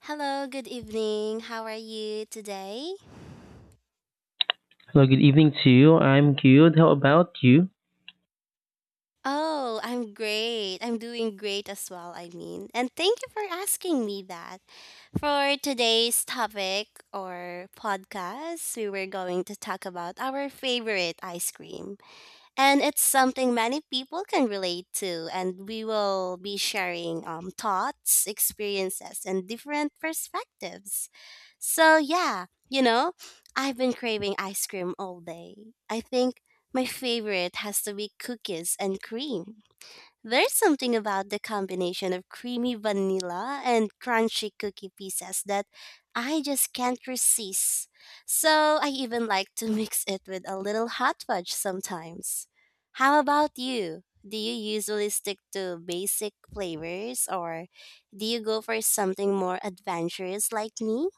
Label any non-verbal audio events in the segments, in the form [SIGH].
Hello, good evening. How are you today? Well, good evening to you. I'm good. How about you? Oh, I'm great. I'm doing great as well, And thank you for asking me that. For today's topic or podcast, we were going to talk about our favorite ice cream. And it's something many people can relate to and we will be sharing thoughts experiences and different perspectives. So yeah, I've been craving ice cream all day. I think my favorite has to be cookies and cream. There's something about the combination of creamy vanilla and crunchy cookie pieces that I just can't resist. So I even like to [LAUGHS] mix it with a little hot fudge sometimes. How about you? Do you usually stick to basic flavors or do you go for something more adventurous like me?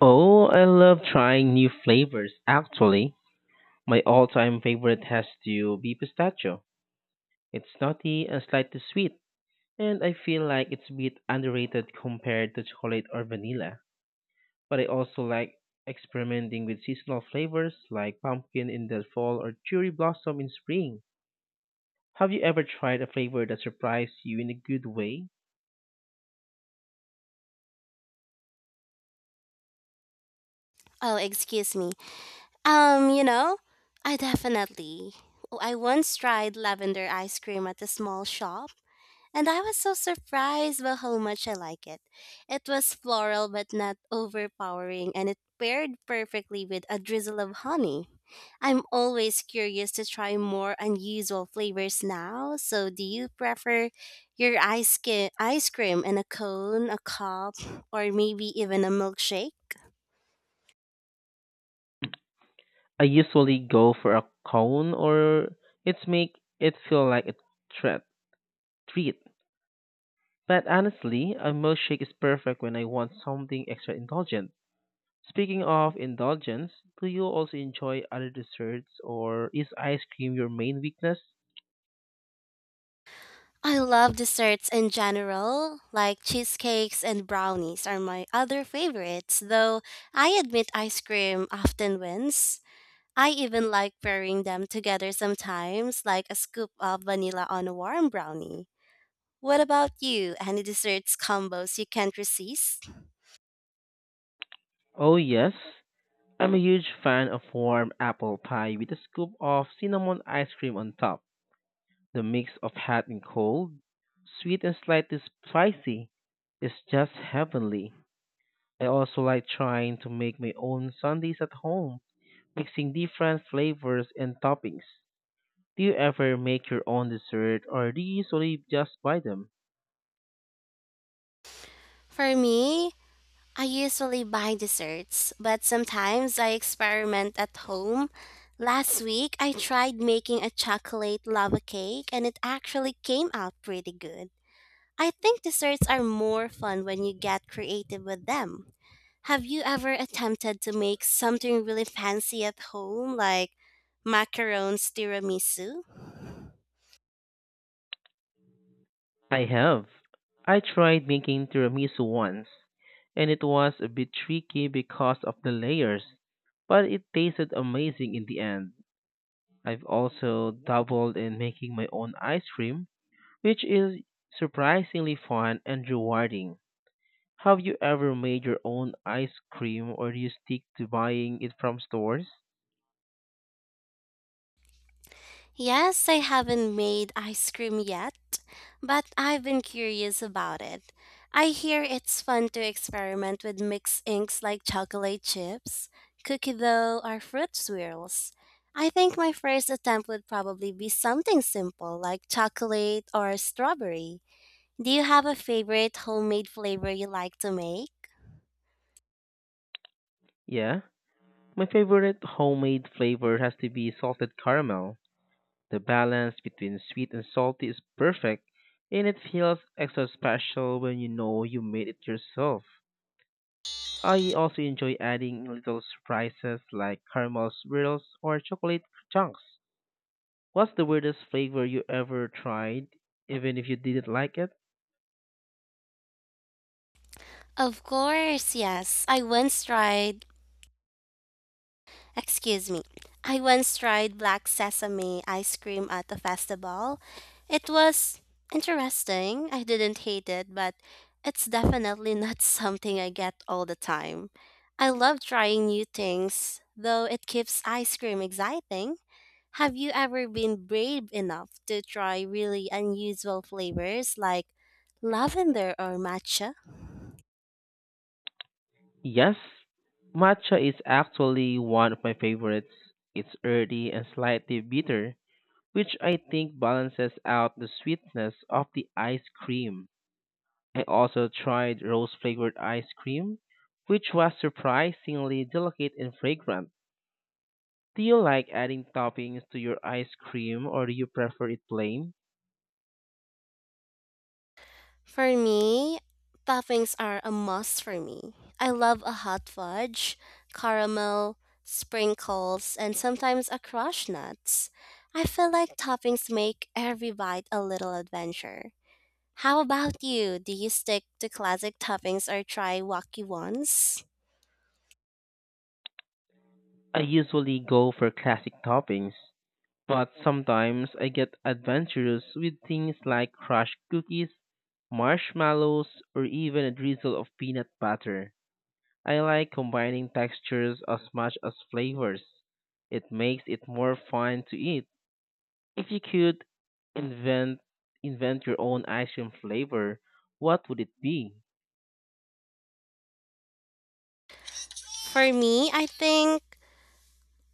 Oh, I love trying new flavors, actually. My all time favorite has to be pistachio. It's nutty and slightly sweet, and I feel like it's a bit underrated compared to chocolate or vanilla. But I also like experimenting with seasonal flavors like pumpkin in the fall or cherry blossom in spring. Have you ever tried a flavor that surprised you in a good way? Oh, excuse me. Um, you know, I definitely. I once tried lavender ice cream at a small shop and I was so surprised by how much I like it. It was floral but not overpowering, and it paired perfectly with a drizzle of honey. I'm always curious to try more unusual flavors now, so do you prefer your ice cream in a cone, a cup, or maybe even a milkshake? I usually go for a cone or it's make it feel like a treat. treat. But honestly, a milkshake is perfect when I want something extra indulgent. Speaking of indulgence, do you also enjoy other desserts or is ice cream your main weakness? I love desserts in general, like cheesecakes and brownies are my other favorites, though I admit ice cream often wins. I even like pairing them together sometimes, like a scoop of vanilla on a warm brownie. What about you? Any desserts combos you can't resist? Oh yes, I'm a huge fan of warm apple pie with a scoop of cinnamon ice cream on top. The mix of hot and cold, sweet and slightly spicy, is just heavenly. I also like trying to make my own sundaes at home, mixing different flavors and toppings. Do you ever make your own dessert or do you usually just buy them? For me, I usually buy desserts, but sometimes I experiment at home. Last week, I tried making a chocolate lava cake and it actually came out pretty good. I think desserts are more fun when you get creative with them. Have you ever attempted to make something really fancy at home, like macarons tiramisu? I have. I tried making tiramisu once, and it was a bit tricky because of the layers, but it tasted amazing in the end. I've also dabbled in making my own ice cream, which is surprisingly fun and rewarding. Have you ever made your own ice cream or do you stick to buying it from stores? Yes, I haven't made ice cream yet, but I've been curious about it. I hear it's fun to experiment with mixed inks like chocolate chips, cookie dough, or fruit swirls. I think my first attempt would probably be something simple like chocolate or strawberry. Do you have a favorite homemade flavor you like to make? Yeah. My favorite homemade flavor has to be salted caramel. The balance between sweet and salty is perfect, and it feels extra special when you know you made it yourself. I also enjoy adding little surprises like caramel swirls or chocolate chunks. What's the weirdest flavor you ever tried, even if you didn't like it? Of course, yes. I once tried, excuse me, I once tried black sesame ice cream at a festival. It was interesting. I didn't hate it, but it's definitely not [LAUGHS] something I get all the time. I love trying new things, though it keeps ice cream exciting. Have you ever been brave enough to try really unusual flavors like lavender or matcha? Yes, matcha is actually one of my favorites. It's earthy and slightly bitter, which I think balances out the sweetness of the ice cream. I also tried rose flavored ice cream, which was surprisingly delicate and fragrant. Do you like adding toppings to your ice cream or do you prefer it plain? For me, toppings are a must for me. I love a hot fudge, caramel, sprinkles, and sometimes a crushed nuts. I feel like toppings make every bite a little adventure. How about you? Do you stick to classic toppings or try wacky ones? I usually go for classic toppings, but sometimes I get adventurous with things like crushed cookies, marshmallows, or even a drizzle of peanut butter. I like combining textures as much as flavors. It makes it more fun to eat. If you could invent invent your own ice cream flavor, what would it be? For me, I think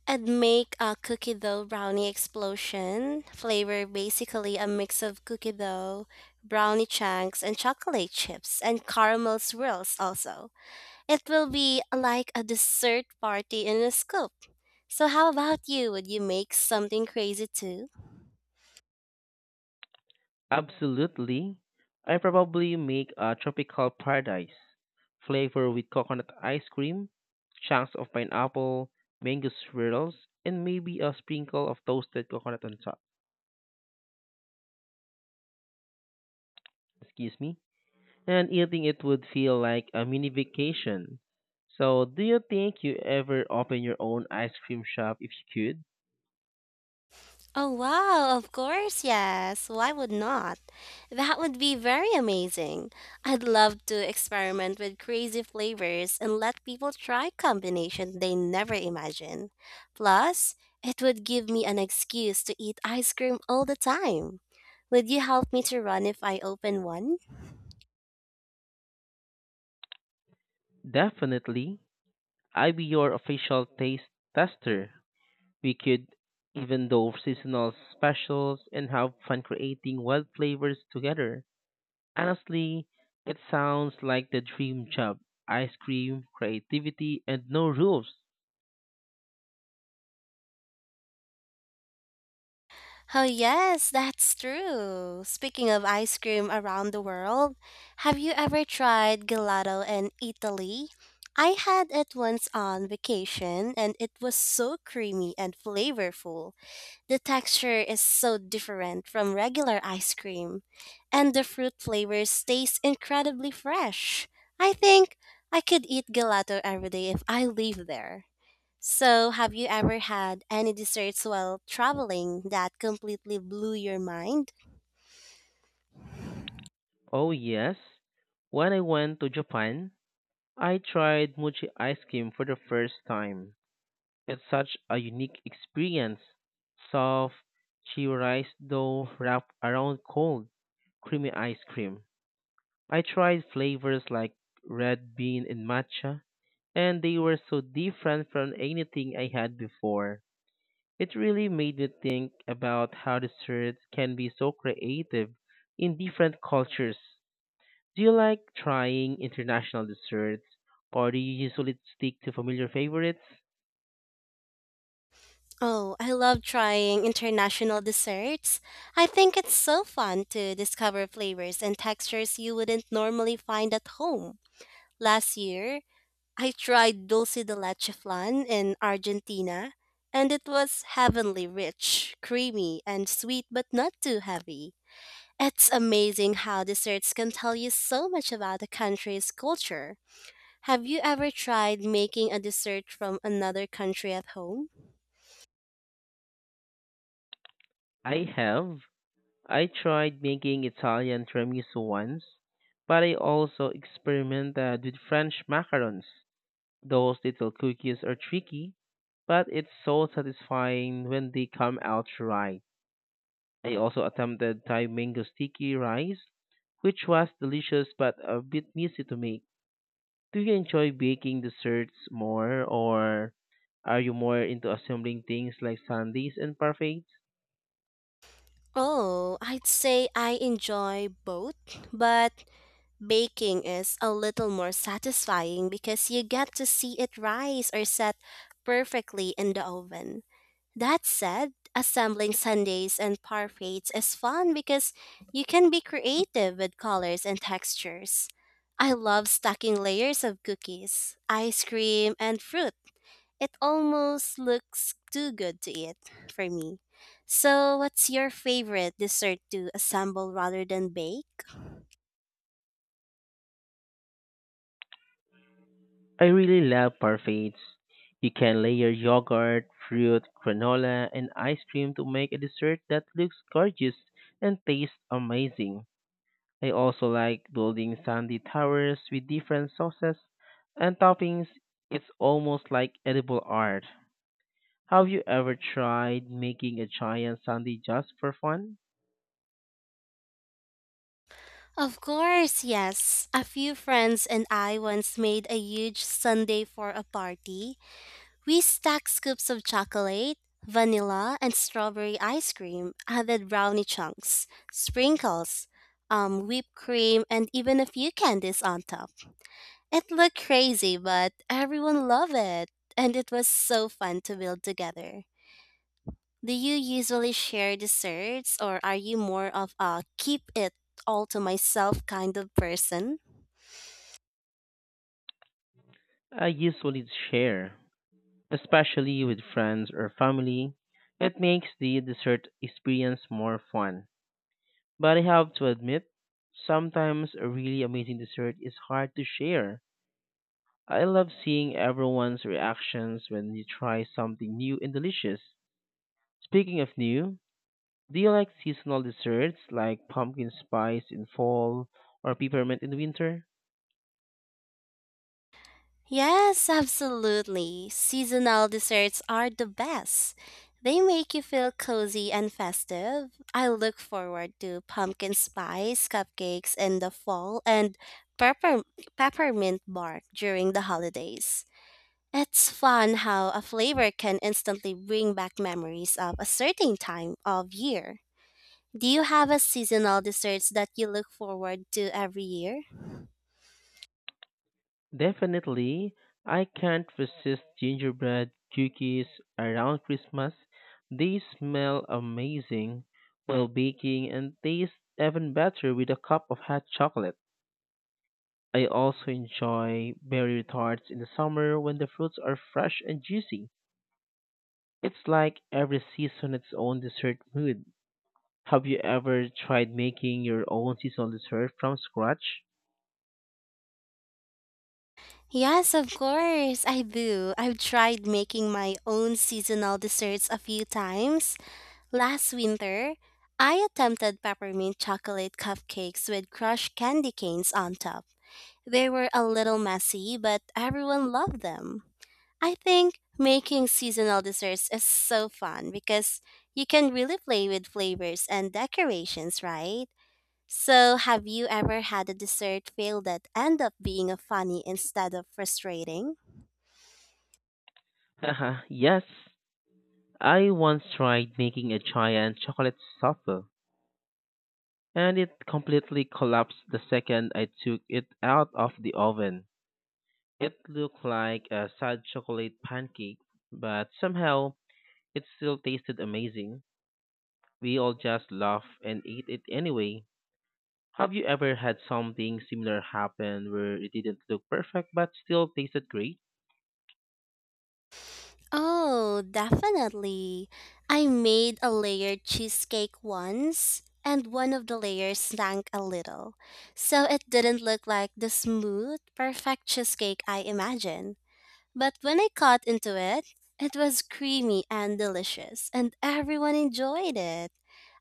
I'd make a cookie dough brownie explosion flavor, basically a mix of cookie dough, brownie chunks, and chocolate chips, and caramel swirls also. It will be like a dessert party in a scoop. So, how about you? Would you make something crazy too? Absolutely. I probably make a tropical paradise flavor with coconut ice cream, chunks of pineapple, mango swirls, and maybe a sprinkle of toasted coconut on top. Excuse me. And eating it would feel like a mini vacation. So, do you think you ever open your own ice cream shop if you could? Oh, wow, of course, yes. Why would not? That would be very amazing. I'd love to experiment with crazy flavors and let people try combinations they never imagined. Plus, it would give me an excuse to eat ice cream all the time. Would you help me to run if I open one? Definitely. I'd be your official taste tester. We could even do seasonal specials and have fun creating wild flavors together. Honestly, it sounds like the dream job. Ice cream, creativity, and no rules. Oh, yes, that's true. Speaking of ice cream around the world, have you ever tried gelato in Italy? I had it once on vacation and it was so creamy and flavorful. The texture is so different from regular ice cream, and the fruit flavor stays incredibly fresh. I think I could eat gelato every day if I live there. So, have you ever had any desserts while traveling that completely blew your mind? Oh yes. When I went to Japan, I tried mochi ice cream for the first time. It's such a unique experience. Soft, chewy rice dough wrapped around cold, creamy ice cream. I tried flavors like red bean and matcha, and they were so different from anything I had before. It really made me think about how desserts can be so creative in different cultures. Do you like trying international desserts, or do you usually stick to familiar favorites? Oh, I love trying international desserts. I think it's so fun to discover flavors and textures you wouldn't normally find at home. Last year, I tried dulce de leche flan in Argentina, and it was heavenly rich, creamy, and sweet but not too heavy. It's amazing how desserts can tell you so much about a country's culture. Have you ever tried making a dessert from another country at home? I have. I tried making Italian tiramisu once, but I also experimented with French macarons. Those little cookies are tricky, but it's so satisfying when they come out right. I also attempted Thai mango sticky rice, which was delicious but a bit messy to make. Do you enjoy baking desserts more, or are you more into assembling things like sundaes and parfaits? Oh, I'd say I enjoy both, but baking is a little more satisfying because you get to see it rise or set perfectly in the oven. That said, assembling sundaes and parfaits is fun because you can be creative with colors and textures. I love stacking layers of cookies, ice cream, and fruit. It almost looks too good to eat for me. So, what's your favorite dessert to assemble rather than bake? I really love parfaits. You can layer yogurt, fruit, granola, and ice cream to make a dessert that looks gorgeous and tastes amazing. I also like building sandy towers with different sauces and toppings. It's almost like edible art. Have you ever tried making a giant sandy just for fun? Of course, yes. A few friends and I once made a huge sundae for a party. We stacked scoops of chocolate, vanilla, and strawberry ice cream, added brownie chunks, sprinkles, whipped cream, and even a few candies on top. It looked crazy, but everyone loved it, and it was so fun to build together. Do you usually share desserts, or are you more of a keep it all to myself kind of person? I usually share, especially with friends or family. It makes the dessert experience more fun. But I have to admit, sometimes a really amazing dessert is hard to share. I love seeing everyone's reactions when you try something new and delicious. Speaking of new, do you like seasonal desserts like pumpkin spice in fall or peppermint in winter? Yes, absolutely. Seasonal desserts are the best. They make you feel cozy and festive. I look forward to pumpkin spice cupcakes in the fall and pepper- peppermint bark during the holidays. It's fun how a flavor can instantly bring back memories of a certain time of year. Do you have a seasonal desserts that you look forward to every year? Definitely, I can't resist gingerbread cookies around Christmas. They smell amazing while baking and taste even better with a cup of hot chocolate. I also enjoy berry tarts in the summer when the fruits are fresh and juicy. It's like every season its own dessert mood. Have you ever tried making your own seasonal dessert from scratch? Yes, of course, I do. I've tried making my own seasonal desserts a few times. Last winter, I attempted peppermint chocolate cupcakes with crushed candy canes on top. They were a little messy, but everyone loved them. I think making seasonal desserts is so fun because you can really play with flavors and decorations, right? So, have you ever had a dessert fail that end up being a funny instead of frustrating? [LAUGHS] Haha, yes. I once tried making a giant chocolate souffle, and it completely collapsed the second I took it out of the oven. It looked like a sad chocolate pancake, but somehow it still tasted amazing. We all just laughed and ate it anyway. Have you ever had something similar happen where it didn't look perfect but still tasted great? Oh, definitely. I made a layered cheesecake once, and one of the layers sank a little. So it didn't look like the smooth, perfect cheesecake I imagined. But when I cut into it, it was creamy and delicious, and everyone enjoyed it.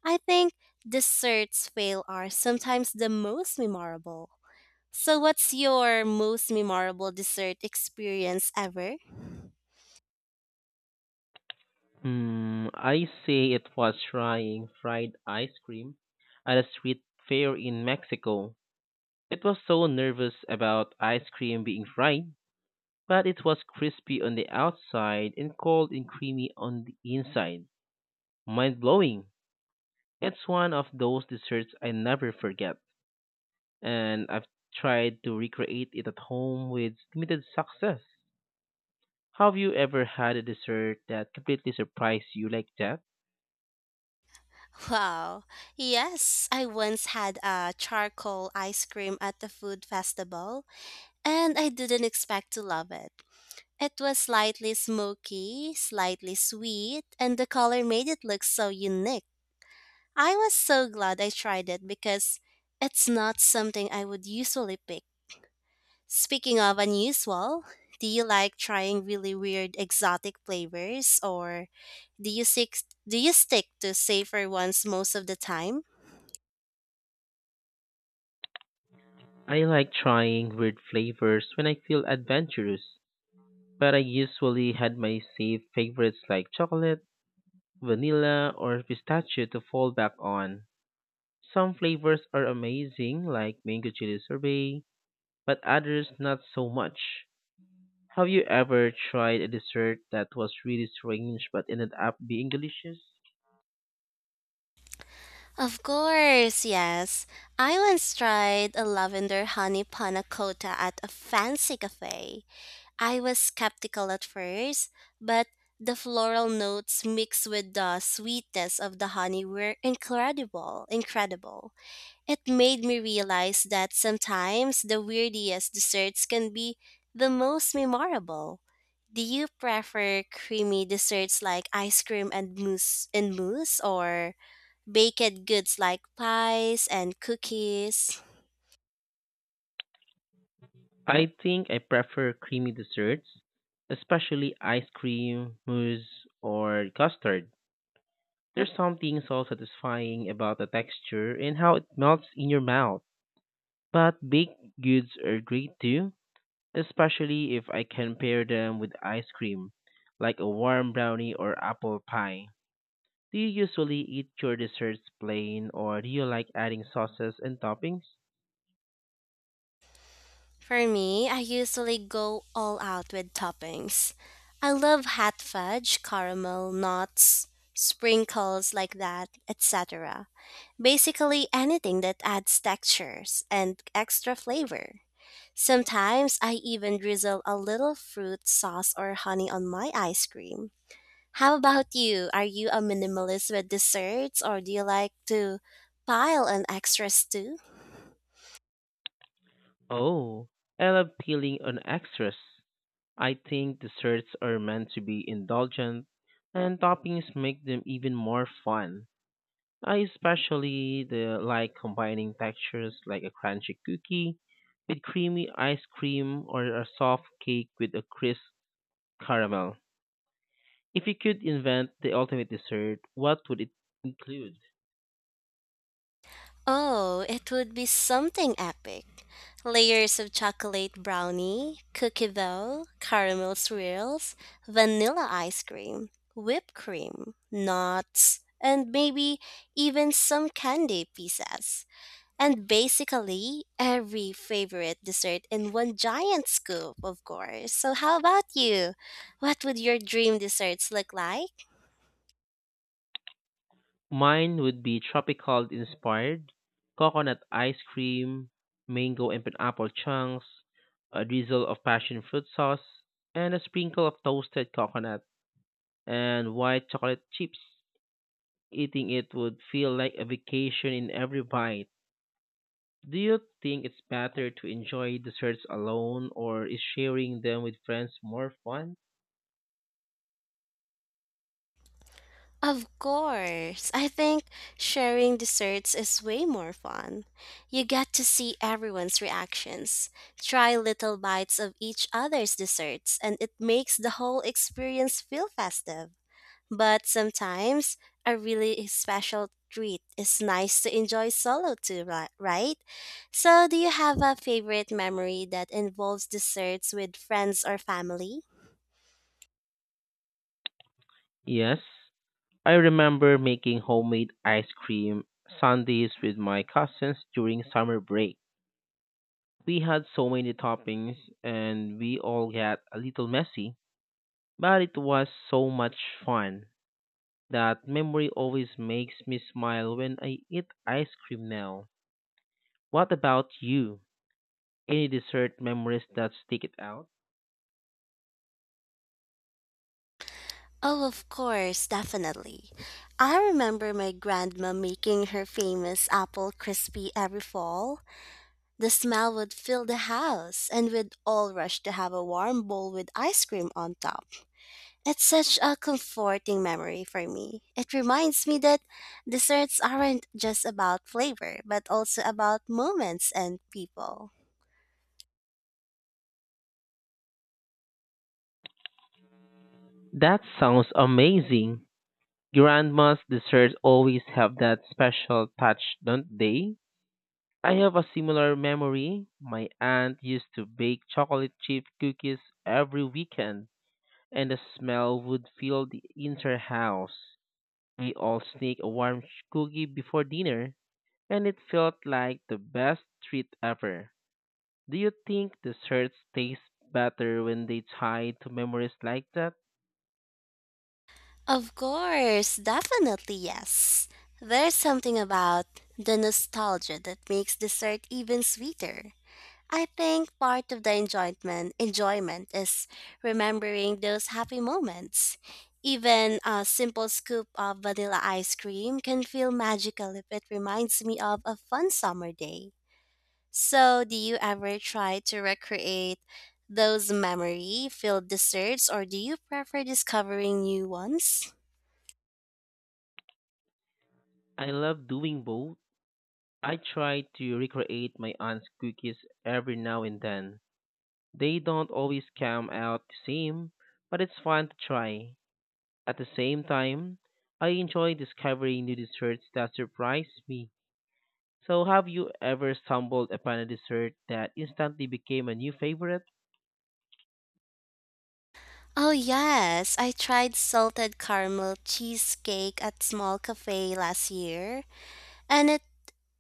I think desserts fail are sometimes the most memorable. So, what's your most memorable dessert experience ever? Hmm. I say it was trying fried ice cream at a street fair in Mexico. It was so nervous about ice cream being fried, but it was crispy on the outside and cold and creamy on the inside. Mind blowing. It's one of those desserts I never forget, and I've tried to recreate it at home with limited success. Have you ever had a dessert that completely surprised you like that? Wow. Yes, I once had a charcoal ice cream at the food festival, and I didn't expect to love it. It was slightly smoky, slightly sweet, and the color made it look so unique. I was so glad I tried it because it's not something I would usually pick. Speaking of unusual, do you like trying really weird exotic flavors or do you stick do you stick to safer ones most of the time? I like trying weird flavors when I feel adventurous, but I usually had my safe favorites like chocolate, vanilla, or pistachio to fall back on. Some flavors are amazing, like mango chili sorbet, but others not so much. Have you ever tried a dessert that was really strange but ended up being delicious? Of course, yes. I once tried a lavender honey panna cotta at a fancy cafe. I was skeptical at first, but the floral notes mixed with the sweetness of the honey were incredible, incredible. It made me realize that sometimes the weirdest desserts can be the most memorable. Do you prefer creamy desserts like ice cream and mousse or baked goods like pies and cookies? I think I prefer creamy desserts, especially ice cream, mousse, or custard. There's something so satisfying about the texture and how it melts in your mouth. But baked goods are great too, especially if I can pair them with ice cream, like a warm brownie or apple pie. Do you usually eat your desserts plain or do you like adding sauces and toppings? For me, I usually go all out with toppings. I love hot fudge, caramel, nuts, sprinkles like that, etc. Basically anything that adds textures and extra flavor. Sometimes I even drizzle a little fruit sauce or honey on my ice cream. How about you? Are you a minimalist with desserts or do you like to pile on extras too? Oh, I love peeling on extras. I think desserts are meant to be indulgent and toppings make them even more fun. I especially the like combining textures like a crunchy cookie with creamy ice cream or a soft cake with a crisp caramel. If you could invent the ultimate dessert, what would it include? Oh, it would be something epic. Layers of chocolate brownie, cookie dough, caramel swirls, vanilla ice cream, whipped cream, nuts, and maybe even some candy pieces. And basically, every favorite dessert in one giant scoop, of course. So, how about you? What would your dream desserts look like? Mine would be tropical inspired, coconut ice cream, mango and pineapple chunks, a drizzle of passion fruit sauce, and a sprinkle of toasted coconut and white chocolate chips. Eating it would feel like a vacation in every bite. Do you think it's better to enjoy desserts alone or is sharing them with friends more fun? Of course. I think sharing desserts is way more fun. You get to see everyone's reactions, try little bites of each other's desserts, and it makes the whole experience feel festive. But sometimes a really special treat is nice to enjoy solo too, right? So, do you have a favorite memory that involves desserts with friends or family? Yes, I remember making homemade ice cream sundaes with my cousins during summer break. We had so many toppings and we all got a little messy, but it was so much fun. That memory always makes me smile when I eat ice cream now. What about you? Any dessert memories that stick it out? Oh, of course, definitely. I remember my grandma making her famous apple crispy every fall. The smell would fill the house, and we'd all rush to have a warm bowl with ice cream on top. It's such a comforting memory for me. It reminds me that desserts aren't just about flavor, but also about moments and people. That sounds amazing. Grandma's desserts always have that special touch, don't they? I have a similar memory. My aunt used to bake chocolate chip cookies every weekend, and the smell would fill the entire house. We all sneak a warm cookie before dinner, and it felt like the best treat ever. Do you think desserts taste better when they tie to memories like that? Of course, definitely yes. There's something about the nostalgia that makes dessert even sweeter. I think part of the enjoyment is remembering those happy moments. Even a simple scoop of vanilla ice cream can feel magical if it reminds me of a fun summer day. So, do you ever try to recreate those memory-filled desserts or do you prefer discovering new ones? I love doing both. I try to recreate my aunt's cookies every now and then. They don't always come out the same, but it's fun to try. At the same time, I enjoy discovering new desserts that surprise me. So, have you ever stumbled upon a dessert that instantly became a new favorite? Oh, yes. I tried salted caramel cheesecake at small cafe last year, and it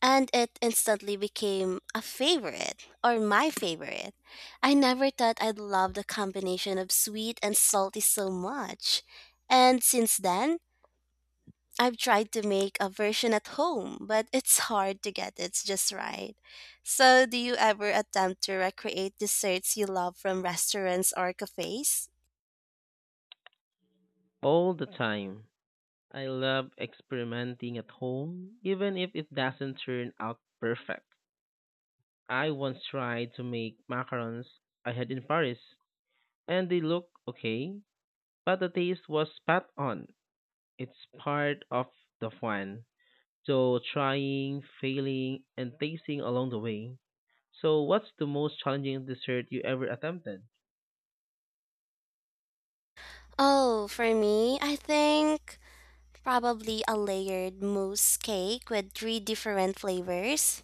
and it instantly became a favorite or my favorite. I never thought I'd love the combination of sweet and salty so much. And since then, I've tried to make a version at home, but it's hard to get it just right. So, do you ever attempt to recreate desserts you love from restaurants or cafes? All the time. I love experimenting at home, even if it doesn't turn out perfect. I once tried to make macarons I had in Paris, and they look okay, but the taste was spot on. It's part of the fun. So trying, failing, and tasting along the way. So what's the most challenging dessert you ever attempted? Oh, for me, I think probably a layered mousse cake with three different flavors.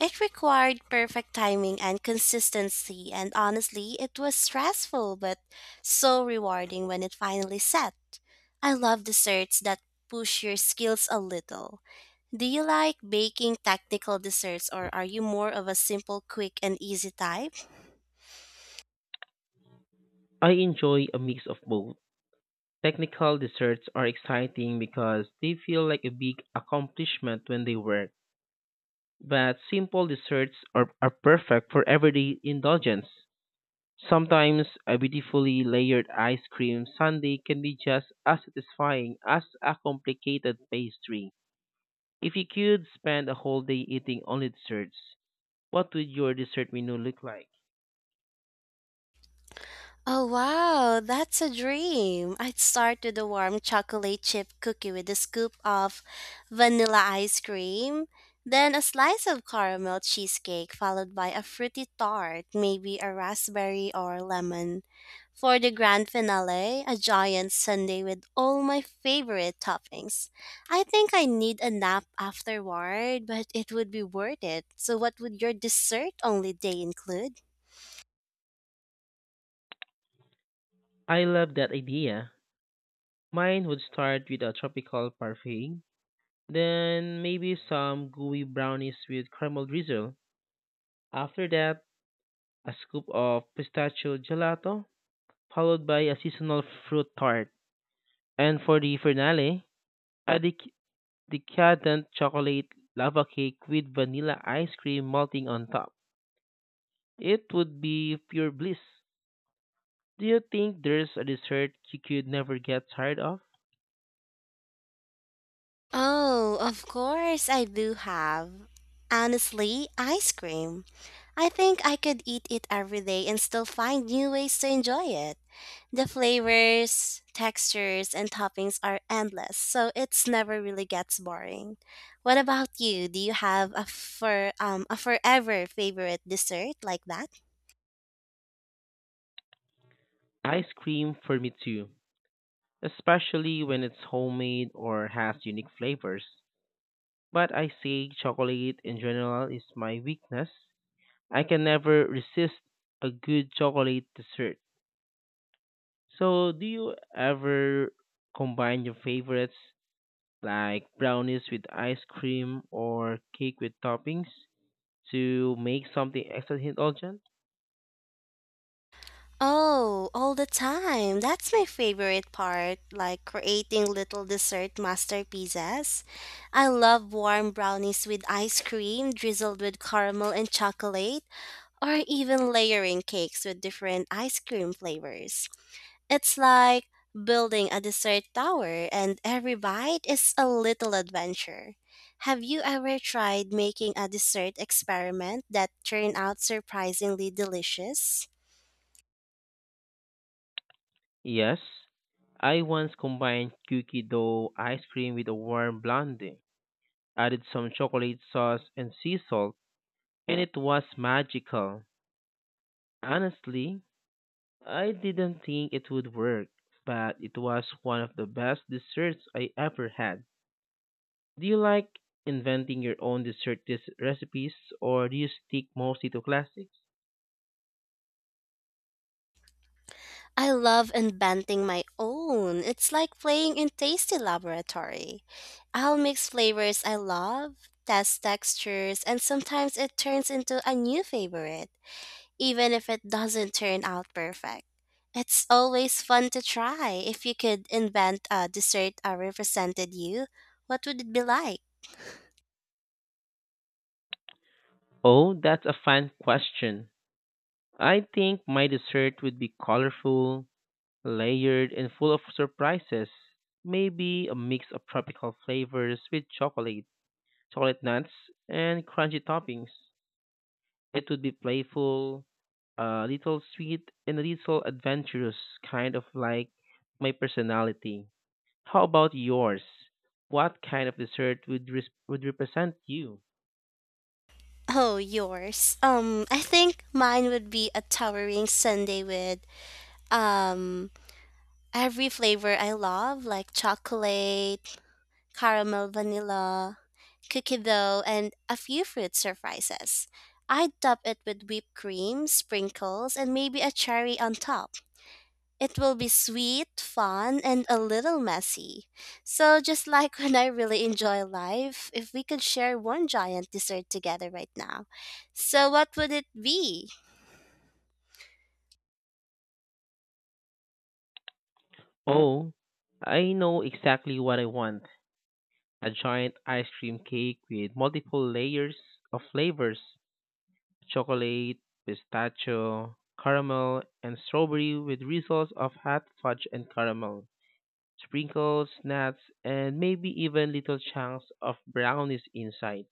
It required perfect timing and consistency, and honestly, it was stressful but so rewarding when it finally set. I love desserts that push your skills a little. Do you like baking technical desserts or are you more of a simple, quick, and easy type? I enjoy a mix of both. Technical desserts are exciting because they feel like a big accomplishment when they work. But simple desserts are perfect for everyday indulgence. Sometimes a beautifully layered ice cream sundae can be just as satisfying as a complicated pastry. If you could spend a whole day eating only desserts, what would your dessert menu look like? Oh wow, that's a dream. I'd start with a warm chocolate chip cookie with a scoop of vanilla ice cream, then a slice of caramel cheesecake followed by a fruity tart, maybe a raspberry or lemon. For the grand finale, a giant sundae with all my favorite toppings. I think I need a nap afterward, but it would be worth it. So what would your dessert only day include? I love that idea. Mine would start with a tropical parfait, then maybe some gooey brownies with caramel drizzle. After that, a scoop of pistachio gelato, followed by a seasonal fruit tart. And for the finale, a decadent chocolate lava cake with vanilla ice cream melting on top. It would be pure bliss. Do you think there's a dessert you could never get tired of? Oh, of course I do have. Honestly, ice cream. I think I could eat it every day and still find new ways to enjoy it. The flavors, textures, and toppings are endless, so it's never really gets boring. What about you? Do you have a forever favorite dessert like that? Ice cream for me too, especially when it's homemade or has unique flavors. But I say chocolate in general is my weakness. I can never resist a good chocolate dessert. So, do you ever combine your favorites like brownies with ice cream or cake with toppings to make something extra indulgent? Oh, all the time. That's my favorite part, like creating little dessert masterpieces. I love warm brownies with ice cream drizzled with caramel and chocolate, or even layering cakes with different ice cream flavors. It's like building a dessert tower, and every bite is a little adventure. Have you ever tried making a dessert experiment that turned out surprisingly delicious? Yes, I once combined cookie dough ice cream with a warm blondie, added some chocolate sauce and sea salt, and it was magical. Honestly, I didn't think it would work, but it was one of the best desserts I ever had. Do you like inventing your own recipes or do you stick mostly to classics? I love inventing my own. It's like playing in Tasty Laboratory. I'll mix flavors I love, test textures, and sometimes it turns into a new favorite, even if it doesn't turn out perfect. It's always fun to try. If you could invent a dessert that represented you, what would it be like? Oh, that's a fun question. I think my dessert would be colorful, layered, and full of surprises. Maybe a mix of tropical flavors with chocolate, chocolate nuts, and crunchy toppings. It would be playful, a little sweet, and a little adventurous, kind of like my personality. How about yours? What kind of dessert would would represent you? Oh, yours. I think mine would be a towering sundae with um every flavor I love, like chocolate, caramel vanilla, cookie dough, and a few fruit surprises. I top it with whipped cream, sprinkles, and maybe a cherry on top. It will be sweet, fun, and a little messy. So, just like when I really enjoy life, if we could share one giant dessert together right now. So, what would it be? Oh, I know exactly what I want a giant ice cream cake with multiple layers of flavors chocolate, pistachio, caramel, and strawberry with results of hot fudge and caramel, sprinkles, nuts, and maybe even little chunks of brownies inside.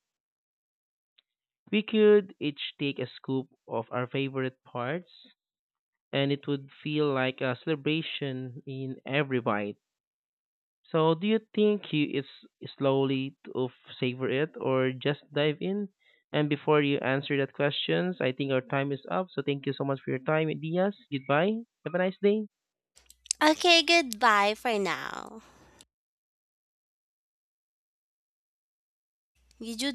We could each take a scoop of our favorite parts, and it would feel like a celebration in every bite. So do you think he is slowly to savor it or just dive in? And before you answer that questions, I think our time is up. So thank you so much for your time, Diaz. Goodbye. Have a nice day. Okay, goodbye for now. You do